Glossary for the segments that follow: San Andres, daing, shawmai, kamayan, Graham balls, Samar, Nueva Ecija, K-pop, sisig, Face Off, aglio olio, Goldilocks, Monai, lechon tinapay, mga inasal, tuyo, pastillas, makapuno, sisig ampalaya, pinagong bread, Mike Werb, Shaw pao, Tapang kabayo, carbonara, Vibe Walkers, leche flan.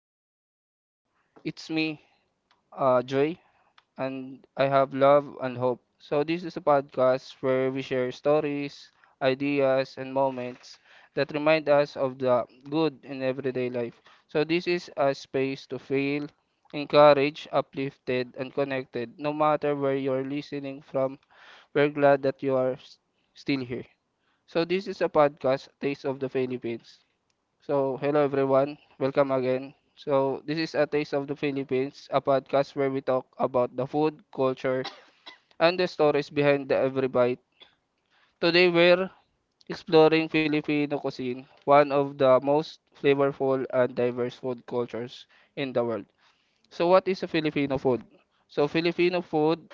So it's me, Joy, and I have love and hope. So this is a podcast where we share stories, ideas, and moments that remind us of the good in everyday life. So this is a space to feel encouraged, uplifted, and connected. No matter where you're listening from, we're glad that you are still here. So this is a podcast, Taste of the Philippines. So, hello everyone. Welcome again. So, this is A Taste of the Philippines, a podcast where we talk about the food, culture, and the stories behind the every bite. Today, we're exploring Filipino cuisine, one of the most flavorful and diverse food cultures in the world. So, what is a Filipino food? So, Filipino food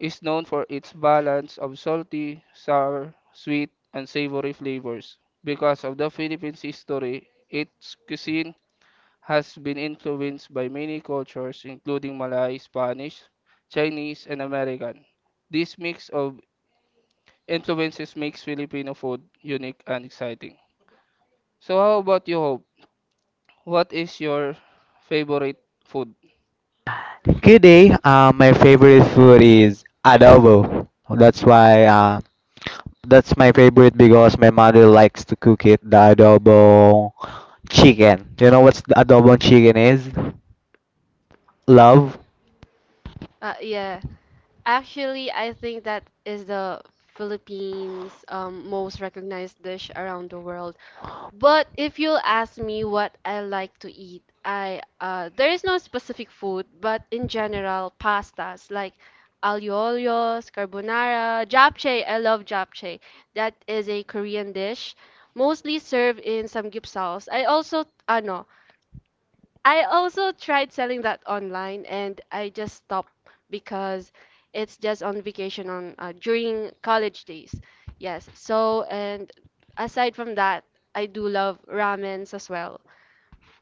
is known for its balance of salty, sour, sweet, and savory flavors. Because of the Philippines' history, its cuisine has been influenced by many cultures, including Malay, Spanish, Chinese, and American. This mix of influences makes Filipino food unique and exciting. So, how about you, Hope? What is your favorite food? Today, my favorite food is adobo. That's why that's my favorite because my mother likes to cook it, the adobo chicken. You know what's the adobo chicken is? Love. Yeah, actually, I think that is the Philippines' most recognized dish around the world. But if you'll ask me what I like to eat, I there is no specific food, but in general, pastas like aglio olio, carbonara, japchae. I love japchae. That is a Korean dish, mostly served in samgyeopsals. I also tried selling that online and I just stopped because it's just on vacation on during college days. Yes. So and aside from that, I do love ramens as well.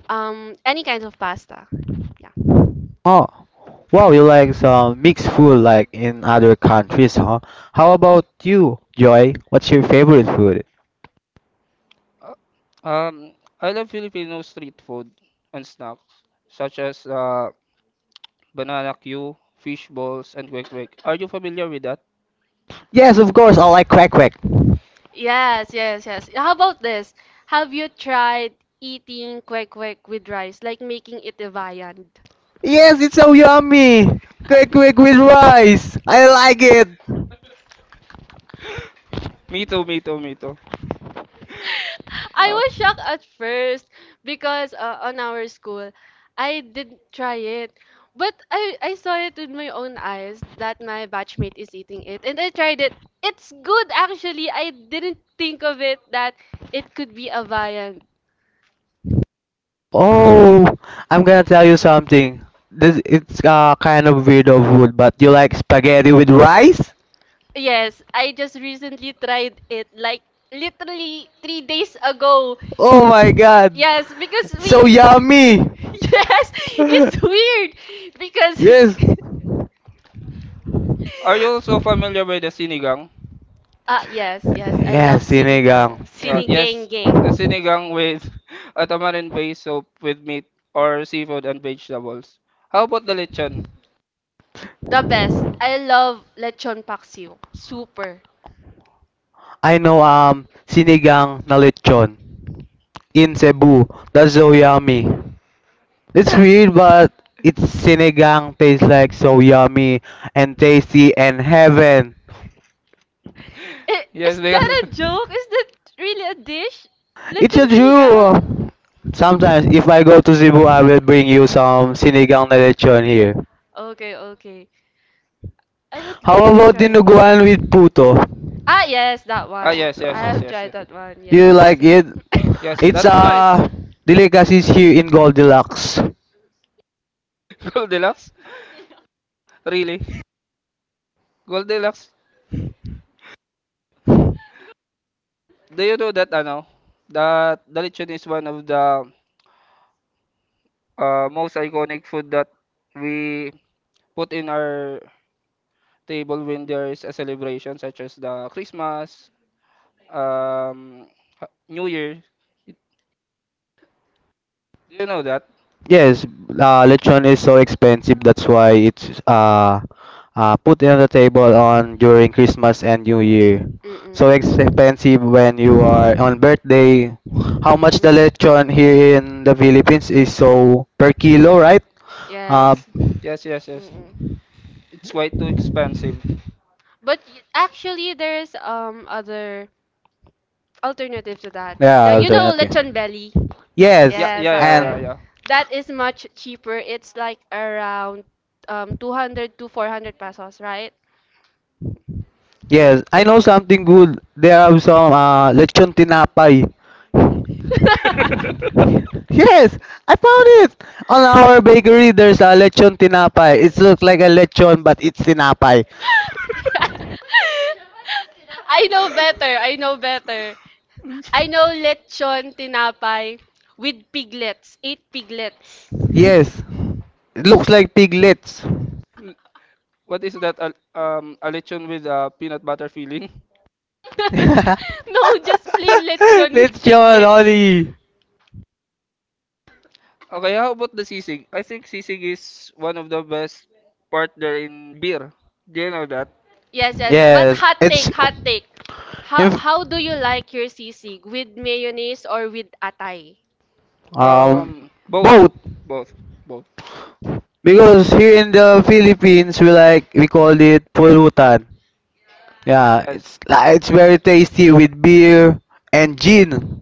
Any kinds of pasta. Yeah. Oh, wow, you like some mixed food like in other countries, huh? How about you, Joy? What's your favorite food? Uh, Um, I love Filipino street food and snacks, such as banana Q, fish balls, and kwek kwek. Are you familiar with that? Yes, of course, I like quack quack. Yes, yes, yes. How about this? Have you tried eating kwek kwek with rice, like making it a viand? Yes, it's so yummy. Quack quack with rice. I like it. Me too, me too, me too. I Uh, was shocked at first because on our school, I did try it. But I saw it with my own eyes that my batchmate is eating it. And I tried it. It's good actually. I didn't think of it that it could be a viand. Oh, I'm gonna tell you something. This it's kind of weird of food, but you like spaghetti with rice? Yes, I just recently tried it like literally 3 days ago. Oh my god, Yes, because so we. yummy! Yes, it's weird Yes. because. are you also familiar with the sinigang? Yes, yes. I love Yes, sinigang. sinigang. Yeah, yeah, yes, Sinigang a gang. sinigang with a tamarind-based soup with meat or seafood and vegetables. How about the lechon? The best. I love lechon paksiw. Super. I know sinigang na lechon in Cebu. That's so yummy. It's weird, but it's sinigang tastes like so I- yummy and tasty and heaven. Is Yes, because that a joke? Is that really a dish? It's Lechon a sinigang? Jew. Sometimes, if I go to Cebu, I will bring you some sinigang na lechon here. Okay, okay. I would How like to about try that. dinuguan with puto? Yes, that ah one. yes, I yes, yes, have yes, tried yes. that one. Do Yes, you yes, like yes. it? Yes, It's Of that's course. nice. a delicacy here in Goldilocks. Goldilocks? Really? Goldilocks? Do you know that ano? That the lechon is one of the most iconic food that we put in our table when there is a celebration such as the Christmas, um, New Year. You know that? Yes, lechon is so expensive. That's why it's put in the table on during Christmas and New Year. So Mm-mm. expensive when you are on birthday. How much the lechon here in the Philippines is so per kilo, Mm. right? Uh, Yes. Yes, yes, yes. Mm-mm. It's way too expensive. But actually, there's other alternative to that. Yeah, yeah, you know, alternative. lechon belly. Yeah, Yes, Yes, yeah, that yeah, yeah, one. and yeah. That is much cheaper. It's like around 200 to 400 pesos, right? yes, I know Mm. something good. There are some lechon tinapay. Yes, I found it. On our bakery, there's a lechon tinapay. It looks like a lechon, but it's tinapay. I know better. I know better. I know lechon tinapay with piglets, 8 piglets. Yes, it looks like piglets. What is that? A lechon with peanut butter filling. No, just plain lechon with Lechon, piglets. honey. Okay, how about the sisig? I think sisig is one of the best partner in beer. Do you know that? Yes, yes. But Yes, hot take, it's hot take. How if how do you like your sisig with mayonnaise or with atay? um Both, both both, both. because here in the Philippines we like we call it pulutan. Yeah, Yes. it's like it's very tasty with beer and gin.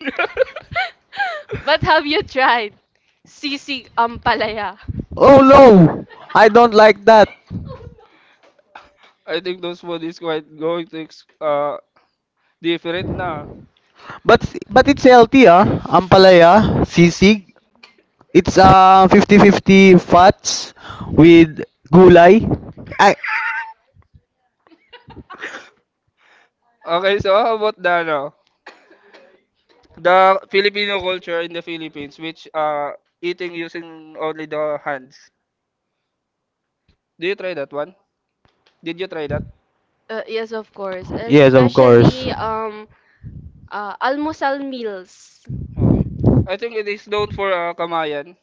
But have you tried sisig ampalaya? Oh no! I don't like that. I think those one is quite going to different na. But it's healthy, ah. Ampalaya, sisig. It's fifty-fifty fats with gulay. I Okay, so how about the ano? The Filipino culture in the Philippines, which eating using only the hands. Do you try that one? Did you try that? Yes, of course. Yes, of course. Especially almusal meals. Okay. I think it is known for kamayan.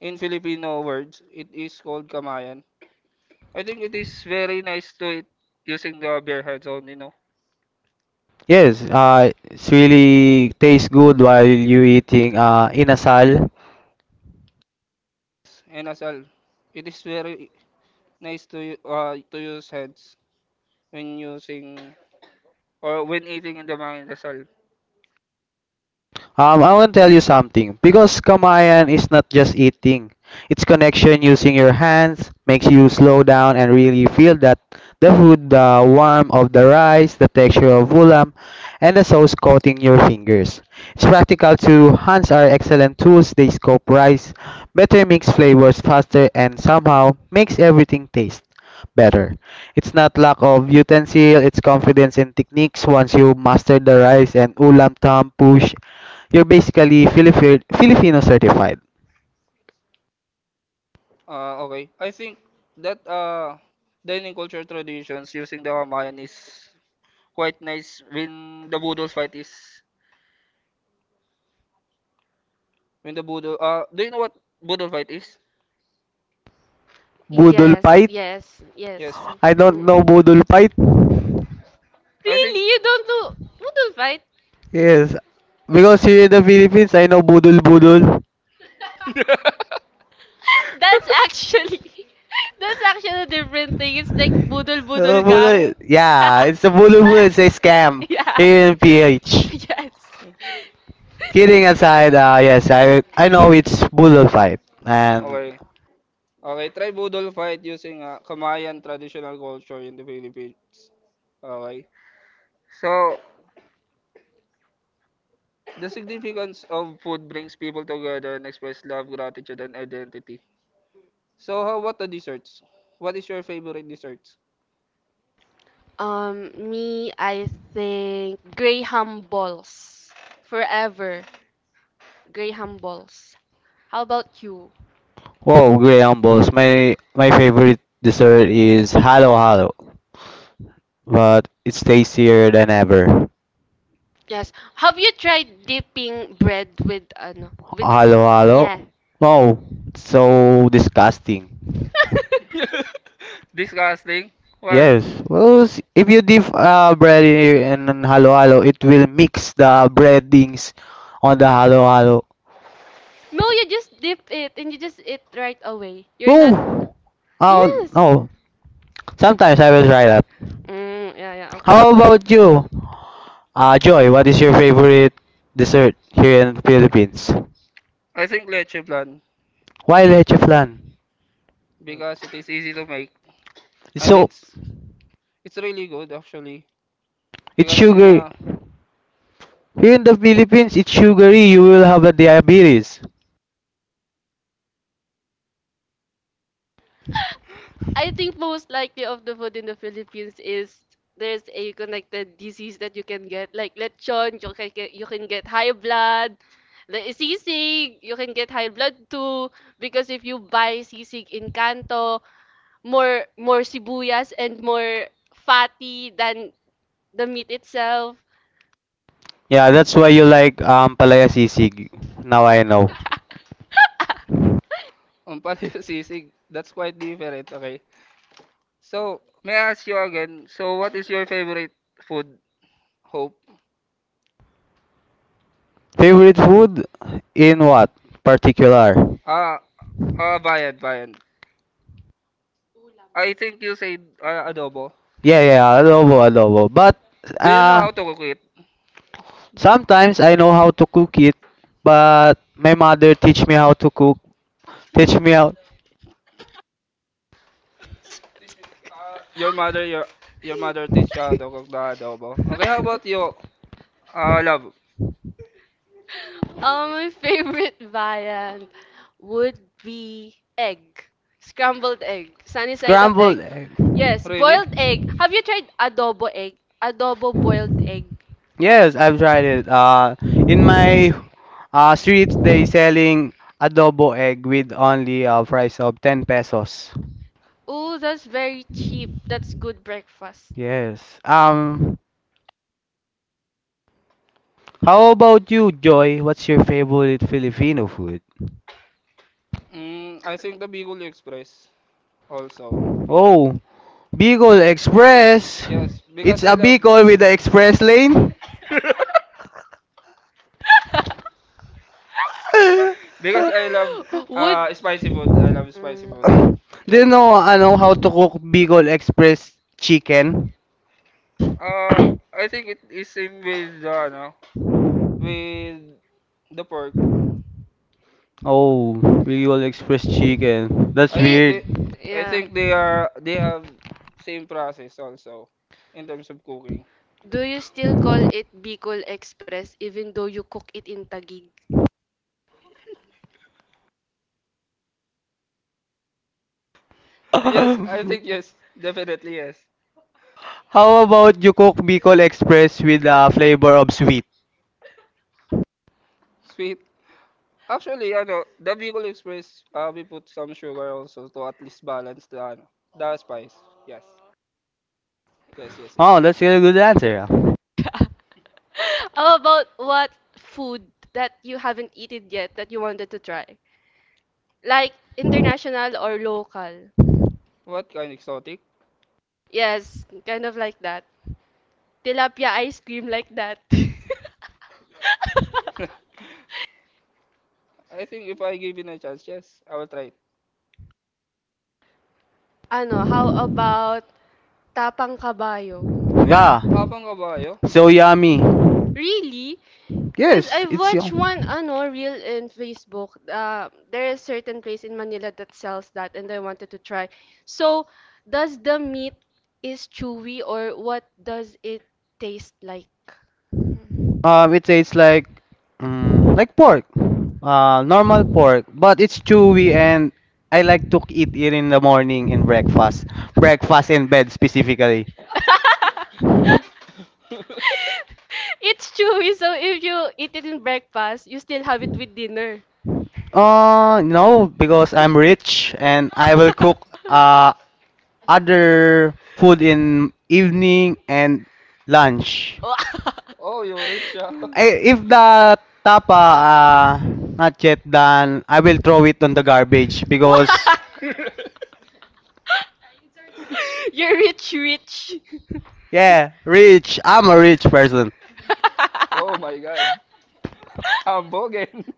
In Filipino words, it is called kamayan. I think it is very nice to eat using the bare hands only, no? Yes, it's really tastes good while you eating inasal. And as well, it is very nice to to use hands when using or when eating in the mga inasal. I want to tell you something because kamayan is not just eating. It's connection using your hands makes you slow down and really feel that the food, the warmth of the rice, the texture of ulam, and the sauce coating your fingers. It's practical too. Hands are excellent tools. They scoop rice, better mix flavors faster, and somehow makes everything taste better. It's not lack of utensil, it's confidence in techniques once you master the rice and ulam tam push you're basically Filipino, Filipino certified. Okay. I think that dining culture traditions using the Hamayan is quite nice when the Budol fight is when the Budol do you know what Budol fight is? Budol Yes, Pait? yes, Yes. Yes. yes. I don't know Mm. Budol Pait. I think Really? You don't fight? Yes. Because here in the Philippines, I know Budol Budol. That's actually that's actually a different thing. It's like budol budol gang. Yeah, it's a Budol Budol. It's a scam Yeah. here in PH. Yes. Kidding aside, yes, I know it's Budol Pait. And, okay. Okay, try Budol fight using Kamayan traditional culture in the Philippines. Okay. So the significance of food brings people together and express love, gratitude, and identity. So, how about the desserts? What is your favorite desserts? Me, I think Graham balls forever. Graham balls. How about you? whoa, Grey Balls. My favorite dessert is Halo Halo. But it's tastier than ever. Yes. Have you tried dipping bread with ano with Hello, hello. yeah? Wow, so disgusting. Disgusting. Why? Yes. Well, if you dip bread in halo halo, it will mix the breadings on the halo halo. No, you just dip it and you just eat right away. You're not. Oh, oh Yes. no. Sometimes I will try that. Yeah, yeah, okay. How about you, Joy? What is your favorite dessert here in Philippines? I think leche plan. Why leche flan? Because it is easy to make It's and so it's really good actually. it's Because in sugar. a Here in the Philippines, it's sugary. You will have a diabetes. I think most likely of the food in the Philippines is there's a connected disease that you can get, like lechon, you can get high blood, the sisig, you can get high blood too, because if you buy sisig in Kanto, more sibuyas and more fatty than the meat itself. Yeah, that's why you like palaya sisig. Now I know. umpal sisig, that's quite different. Okay. So, may I ask you again? So, what is your favorite food? Hope. Favorite food in what particular? Ah, bayad, bayad. I think you said adobo. Yeah, yeah, adobo, adobo. But Do you know uh, how to cook it? sometimes I know how to cook it, but my mother teach me how to cook. Teach me how Your mother, your mother teach you how to cook the adobo. Okay, how about you, love? My favorite variant would be egg. Scrambled egg. Sunny side up egg. scrambled egg. Yes, Really? boiled egg. Have you tried adobo egg? Adobo boiled egg. Uh, Yes, I've tried it. In my streets, they selling adobo egg with only a price of 10 pesos. Oh, that's very cheap. That's good breakfast. Yes. How about you, Joy? What's your favorite Filipino food? I think the Bicol Express also. Oh, Bicol Express. Yes, It's because I a love. Bicol with the express lane. Because I love Would. Spicy food. I love spicy food. Mm. Do you Yes. know, ano, how to cook Bicol Express chicken? Uh, I think it is same with the ano, with the pork. Oh, Bicol Express chicken. That's I It, think they weird. I yeah. think they are they have same process also in terms of cooking. Do you still call it Bicol Express even though you cook it in Taguig? Yes, I think yes, definitely yes. How about you cook Bicol Express with a flavor of sweet? Sweet. Actually, ano, the Bicol Express, we put some sugar also to at least balance the ano, the spice. Yes. Yes, yes, yes. Oh, that's a good answer, ah. How about what food that you haven't eaten yet that you wanted to try? Like international or local. What kind exotic? Yes, kind of like that. Tilapia ice cream like that. I think if I give it a chance, yes, I will try it. How about Tapang Kabayo? Yeah. Tapang kabayo? So yummy. Really? Because Yes, I've it's watched one yum. ano reel in Facebook. There is certain place in Manila that sells that and I wanted to try. So, does the meat is chewy or what does it taste like? It tastes like like pork, normal pork, but it's chewy and I like to eat it in the morning in breakfast, breakfast in bed specifically. It's chewy, so if you eat it in breakfast, you still have it with dinner. No, because I'm rich and I will cook uh other food in evening and lunch. Oh. Oh, you rich, ah. If the tapa uh, not yet done, I will throw it on the garbage because You're rich, rich. yeah, rich. I'm a rich person. Oh my God. Ambogin.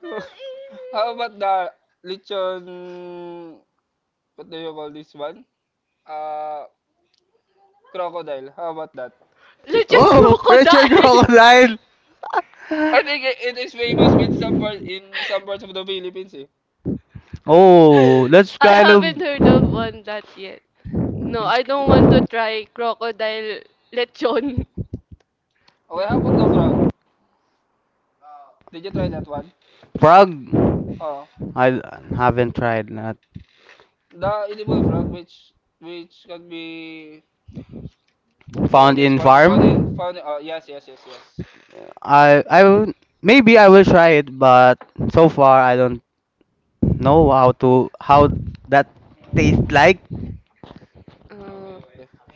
How about the lechon? What do you call this one? Uh, crocodile. How about that? Lechon Oh, Richard crocodile. Crocodile. I think it is famous in some parts of the Philippines. Eh. Oh, that's I kind of haven't heard of one that yet. No, I don't want to try crocodile lechon. Okay, how about the frog? Did you try that one? frog. Oh, I haven't tried that. the edible frog, which can be do you call Found this in one? Found in farm. found. Oh, yes, yes, yes, yes. I I will- Maybe I will try it, but so far I don't know how to how that tastes like. Okay.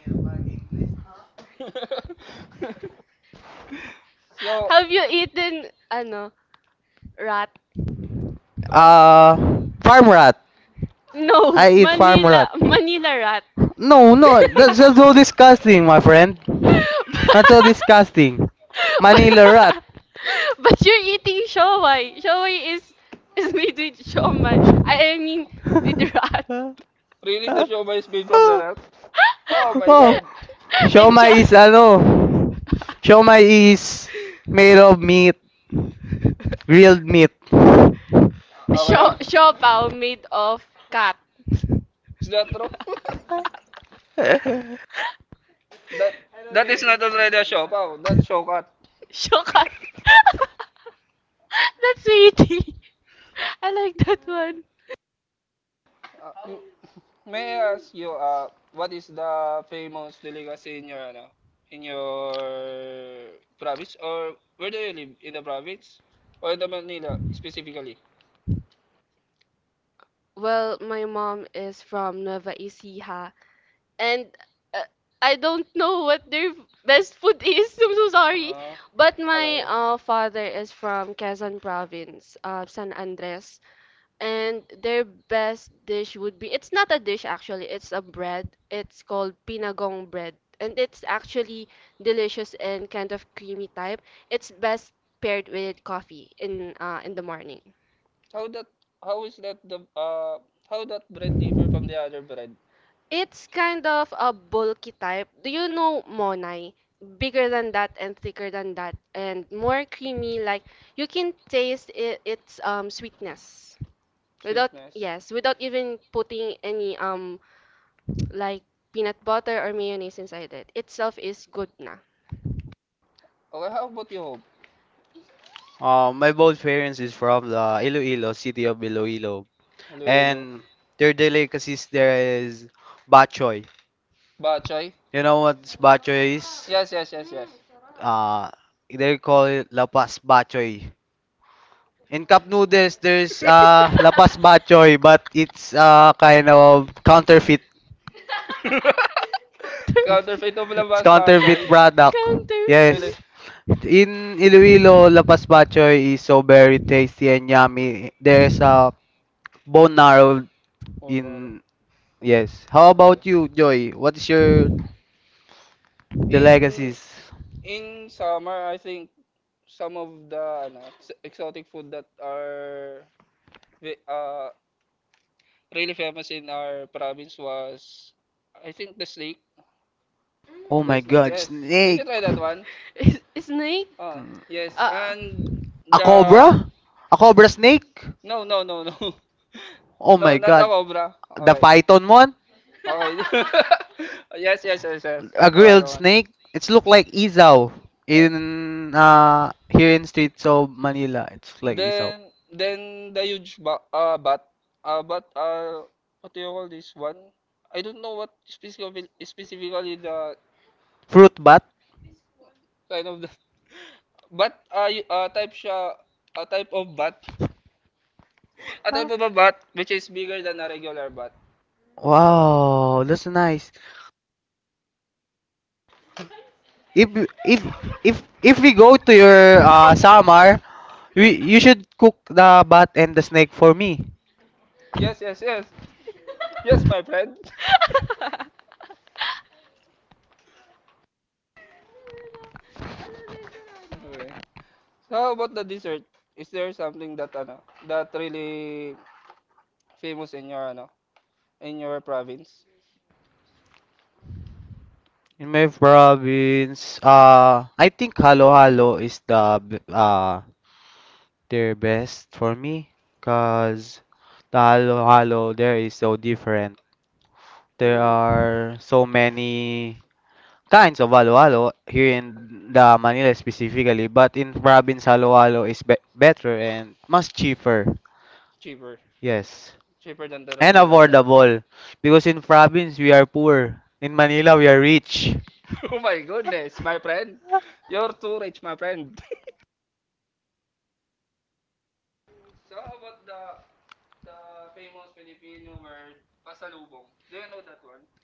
So, Have you eaten, rat? rat? Farm rat. No, I eat farm rat. Manila, Manila rat. No, No, no, no, that's just so no. disgusting, my friend. But, That's so disgusting. Manila rat. but you're eating shawai. Shawai is made with shawmai. I mean with rat Really, the show by Speed from the Rat? Oh my Oh, god. and siomai shaw is ano? Siomai is made of meat, grilled meat. Okay, shaw oh. pao made of cat. Is that true? that that is not already a show, pal. That's show cut. Shaw cat. That's sweetie. I like that one. Uh, may I ask you, what is the famous delicacy in your, ano, in your province? Or where do you live? In the province? Or in the Manila, specifically? Well, my mom is from Nueva Ecija, and uh, I don't know what their best food is. I'm so sorry. Uh, Uh-huh. But my Okay. Okay, father is from Quezon province, San Andres, and their best dish would be it's not a dish actually, it's a bread. It's called pinagong bread, and it's actually delicious and kind of creamy type. It's best paired with coffee in the morning. how that, how is that the, how that bread differ from the other bread? It's kind of a bulky type. Do you know Monai? Bigger than that and thicker than that and more creamy. Like you can taste it, its sweetness without Sweetness? Without, yes, without even putting any like peanut butter or mayonnaise inside it. Itself is good na. okay, how about you, Hope? My both parents is from the Iloilo, city of Iloilo. Iloilo. And their delicacies there is bachoy. Bachoy? You know what bachoy is? Yes, yes, yes, yes. Uh, they call it lapas bachoy. In cup noodles, there's lapas Bachoy, bachoy, but but it's kind of counterfeit. it's counterfeit counterfeit of It's labas, counterfeit Bachoy. product. Yes. Really? Counterfeit. In Iloilo, lapas bachoy is so very tasty and yummy. There's a bone marrow Oh, maro. in. Yes. How Okay. about you, Joy? What is your the In legacies? in summer, I think some of the ano, exotic food that are uh, really famous in our province was I think the snake. Oh The my snake, God, yes. Did snake! you try that one? Is snake? Ah, yes. Uh, And A cobra? the A cobra snake? no, no, no, no, Oh no, my not the god. cobra. The Okay, python one? okay. Yes, yes, yes, yes. A The one, grilled one. snake? It's look like isaw Yeah. in here in streets of Manila. It's like isaw. Then the huge ba bat, but what do you call this one? I don't know what specifically the Fruit bat? kind of the, but type siya, a type of bat. At type of a bat which is bigger than a regular bat. Okay. Wow, that's nice. If you- if if if we go to your Samar, we you should cook the bat and the snake for me. Yes, yes, yes. Yes, my friend. Okay. So how about the dessert? Is there something that ano, that really famous in your ano, in your province? In my province, I think halo-halo is their best for me, cause the halo-halo there is so different. There mm, are so many kinds of halo-halo here in the Manila specifically, but in province halo-halo is be better and much cheaper. Cheaper. Yes, Cheaper than the and regular ano. affordable, because in province we are poor. In Manila we are rich. Oh my goodness, my friend. You're too rich, my friend.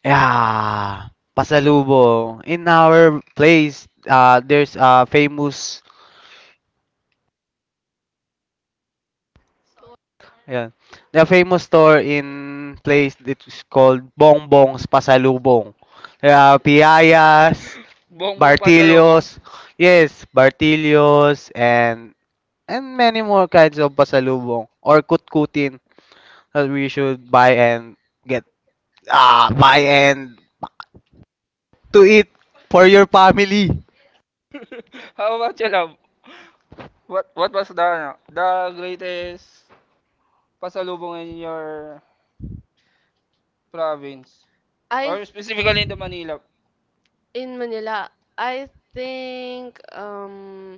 Yeah, pasalubong. In our place, there's a famous, yeah, the famous store in place that is called Bongbong's Pasalubong. There are Piayas, Bongbong pasalubong. Bartilios, yes, Bartilios, and many more kinds of pasalubong or kutkutin that we should buy and get ah buy and to eat for your family. How about you, love? What was the ano, the greatest pasalubong in your province, I or specifically in the Manila, in Manila. I think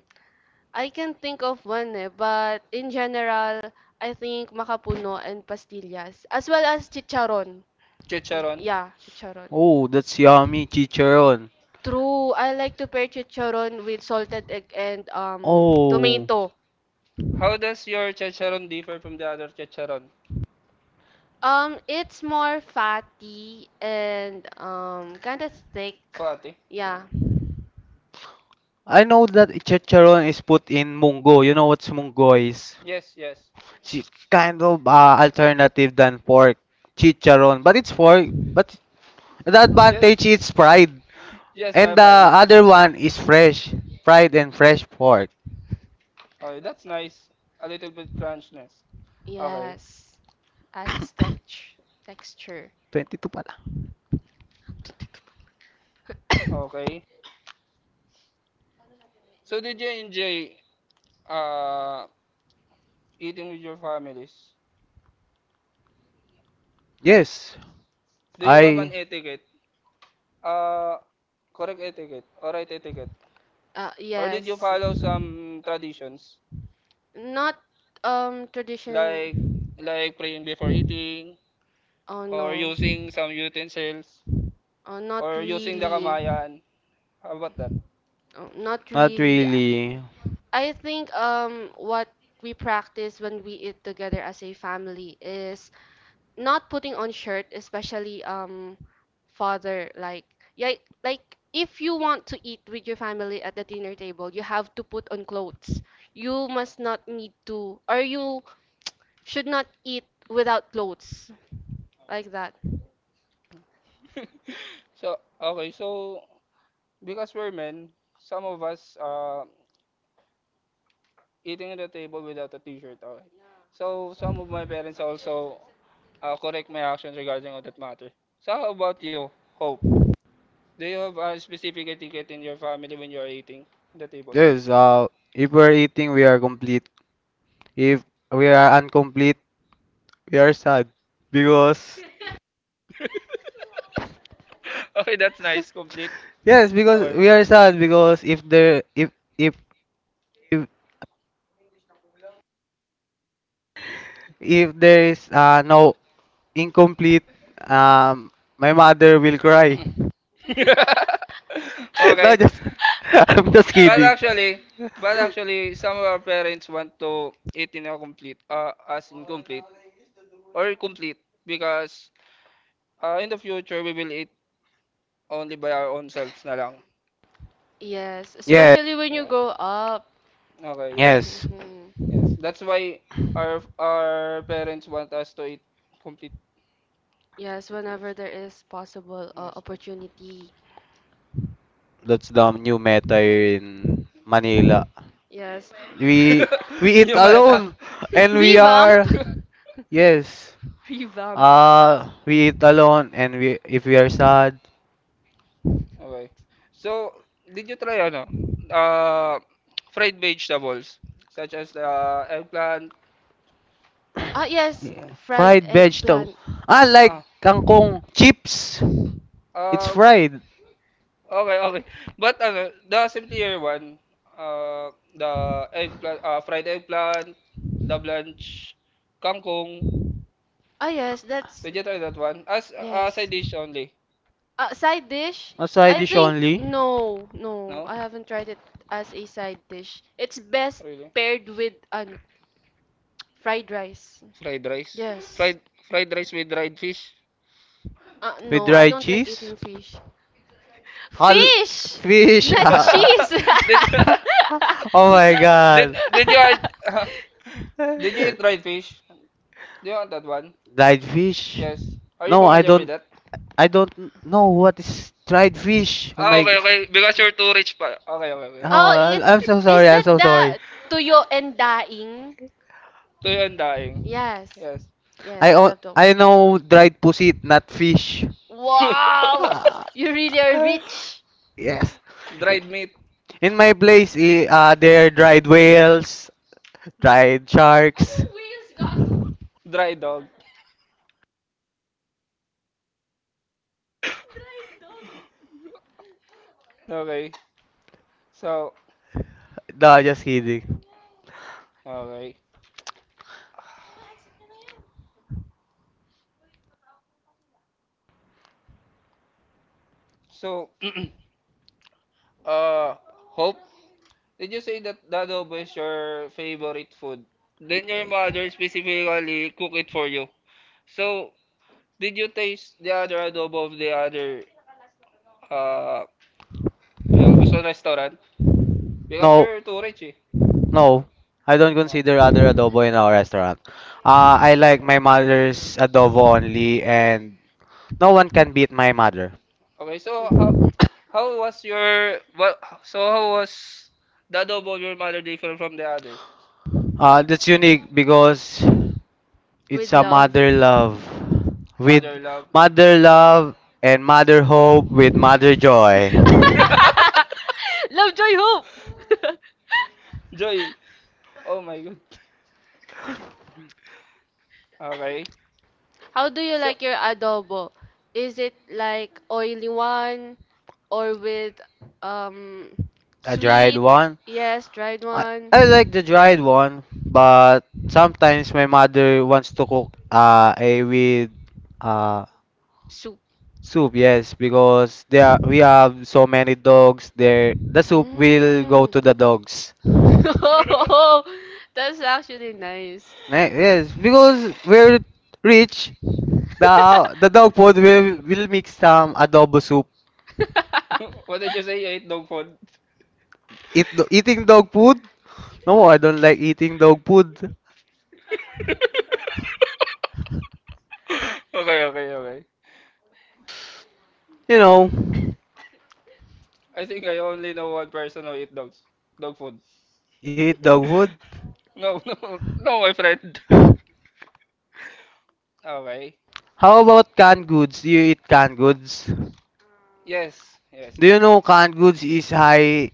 I can think of one eh, but in general, I think makapuno and pastillas, as well as chicharon. chicharon. Yeah, chicharon. Oh, that's yummy, chicharon. True, I like to pair chicharon with salted egg and Oh, tomato. How does your chicharon differ from the other chicharon? It's more fatty and kind of thick. Fatih. Yeah. I know that chicharon is put in munggo. You know what's munggo is? Yes, yes. It's kind of alternative than pork. Chicharon, but it's pork. But the Yes. advantage it's fried, Yes, and my the friend. other one is fresh, fried and fresh pork. Okay, that's nice. A little bit crunchness. Okay. Yes. Adds texture. 22 pala. Okay. So did you enjoy uh eating with your families? Yes, Do you have an I etiquette? Uh correct etiquette or right etiquette? Or did you Yes. follow some traditions? Not tradition. Like praying before eating Oh or no. using some utensils Oh, not or using the really. really. Kamayan. How about that? Oh, not not really. Really. I think what we practice when we eat together as a family is not putting on shirt, especially father, like, yeah, like, if you want to eat with your family at the dinner table, you have to put on clothes. You must not need to or you should not eat without clothes like that. So, okay, so because we're men, some of us eating at the table without a t-shirt. Okay. So, some of my parents also correct my actions regarding on that matter. So, how about you, Hope? Do you have a specific etiquette in your family when you are eating the table? Yes, if we're eating, we are complete. If we are incomplete, we are sad because Okay, that's nice, complete. yes, because Okay. we are sad because if if, if there is no incomplete, um, my mother will cry. No, Okay. just I'm just But kidding. actually, but actually, some of our parents want to eat in a complete, as incomplete or complete because in the future we will eat only by our own selves na lang. Yes, Yes, especially when you Yeah. grow up. Okay, yeah. yes, Mhm. Yes. That's why our parents want us to eat complete. Yes, whenever there Yes. is possible Yes. opportunity. that's the new meta in Manila. Yes. We we eat New meta. alone and we Revamp. are yes. Revamp. We eat alone and we if we are sad. Okay. So, did you try ano? Uh, fried vegetables such as the eggplant. Yes, Yeah. fried Fried vegetable. eggplant. Ah, like Ah, kangkong chips. It's um, fried. okay, okay. But ano, the simpler one, the eggplant, fried eggplant, the blanch, kangkong. Yes, that's Did you try that one? As a yes. side dish only. Side dish? A side I No, dish think only. no, no. no, I haven't tried it as a side dish. It's best really. paired with an fried rice. Fried rice, Yes. fried fried rice with dried fish. With No, I dried don't like cheese. eating fish. Hal Fish, fish. not Ah. cheese. did, Ah. Oh my did god. did you did you eat dried fish? Do you want that one? Dried fish. Yes. Are you No, I familiar with don't. that? I don't know what is dried fish. Oh Ah, my. Okay, okay. Because you're too rich pa. Okay, okay, okay. Oh, Oh, it I'm so is sorry. I'm that so sorry. the tuyo and daing? Tuyo and daing. Yes. Yes. Yes. I Yes, I o- love that I one. know dried pussy, not fish. Wow! Ah, You really are rich. yes. Dried meat, In my place, there are dried whales, dried sharks. dried dog. Okay. So, No, just kidding. okay. So, uh, Hope, did you say that the adobo is your favorite food? Then your mother specifically cook it for you. So, did you taste the other adobo of the other uh Ilveson restaurant? Because No, you're too rich eh. no. I don't No. consider other adobo in our restaurant. I like my mother's adobo only, and no one can beat my mother. Okay, so how was your well, so how was the adobo of your mother different from the other? That's unique because it's With a love. mother love with Mother love. Mother mother love and mother hope with mother joy. love. Love, joy, hope. Joy. Oh my god. Okay. How do you So like your adobo? Is it like oily one or with um A dried sweet? one? Yes, dried I, one. I like the dried one, but sometimes my mother wants to cook a with uh Soup. soup, yes, because there are, we have so many dogs there. The soup will go Mm. to the dogs. Oh, that's actually nice. Yes, because we're rich, the dog food will mix some adobo soup. what did you say you ate dog food? Eating dog food? No, I don't like eating dog food. Okay, okay, okay. You know, I think I only know one person who eat dogs. Dog food. you eat dog food? No, no, no, my friend. Okay. How about canned goods? Do you eat canned goods? Yes, yes, Do yes. you know canned goods is high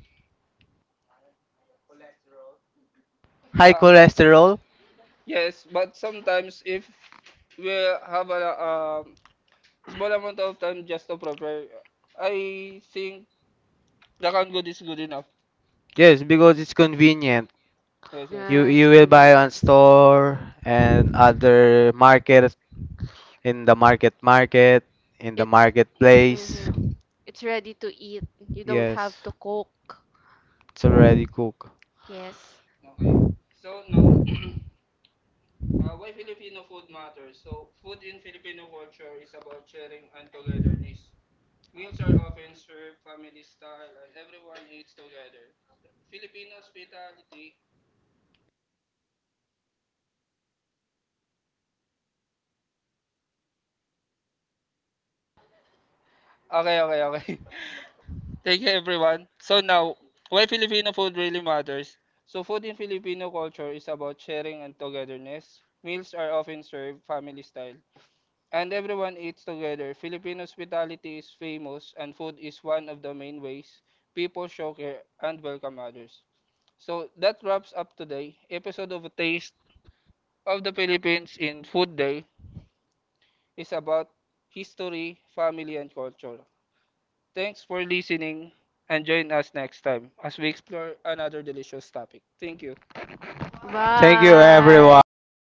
high Uh, cholesterol? yes, but sometimes if we have a small amount of time just to prepare, I think the canned good is good enough. Yes, because it's convenient. Yes, yes. You Yeah, it's you will buy on convenient. store and other market in the market market in the It's marketplace. mm-hmm. It's ready to eat. You don't have Yes, to cook. it's already cooked. Yes. Okay, okay, okay. Thank you, everyone. So now, why Filipino food really matters? So food in Filipino culture is about sharing and togetherness. Meals are often served family style. And everyone eats together. Filipino hospitality is famous, and food is one of the main ways people show care and welcome others. So that wraps up today. Episode of A Taste of the Philippines in Food Day is about history, family, and culture. Thanks for listening and join us next time as we explore another delicious topic. Thank you. Thank you Bye. Thank you. everyone.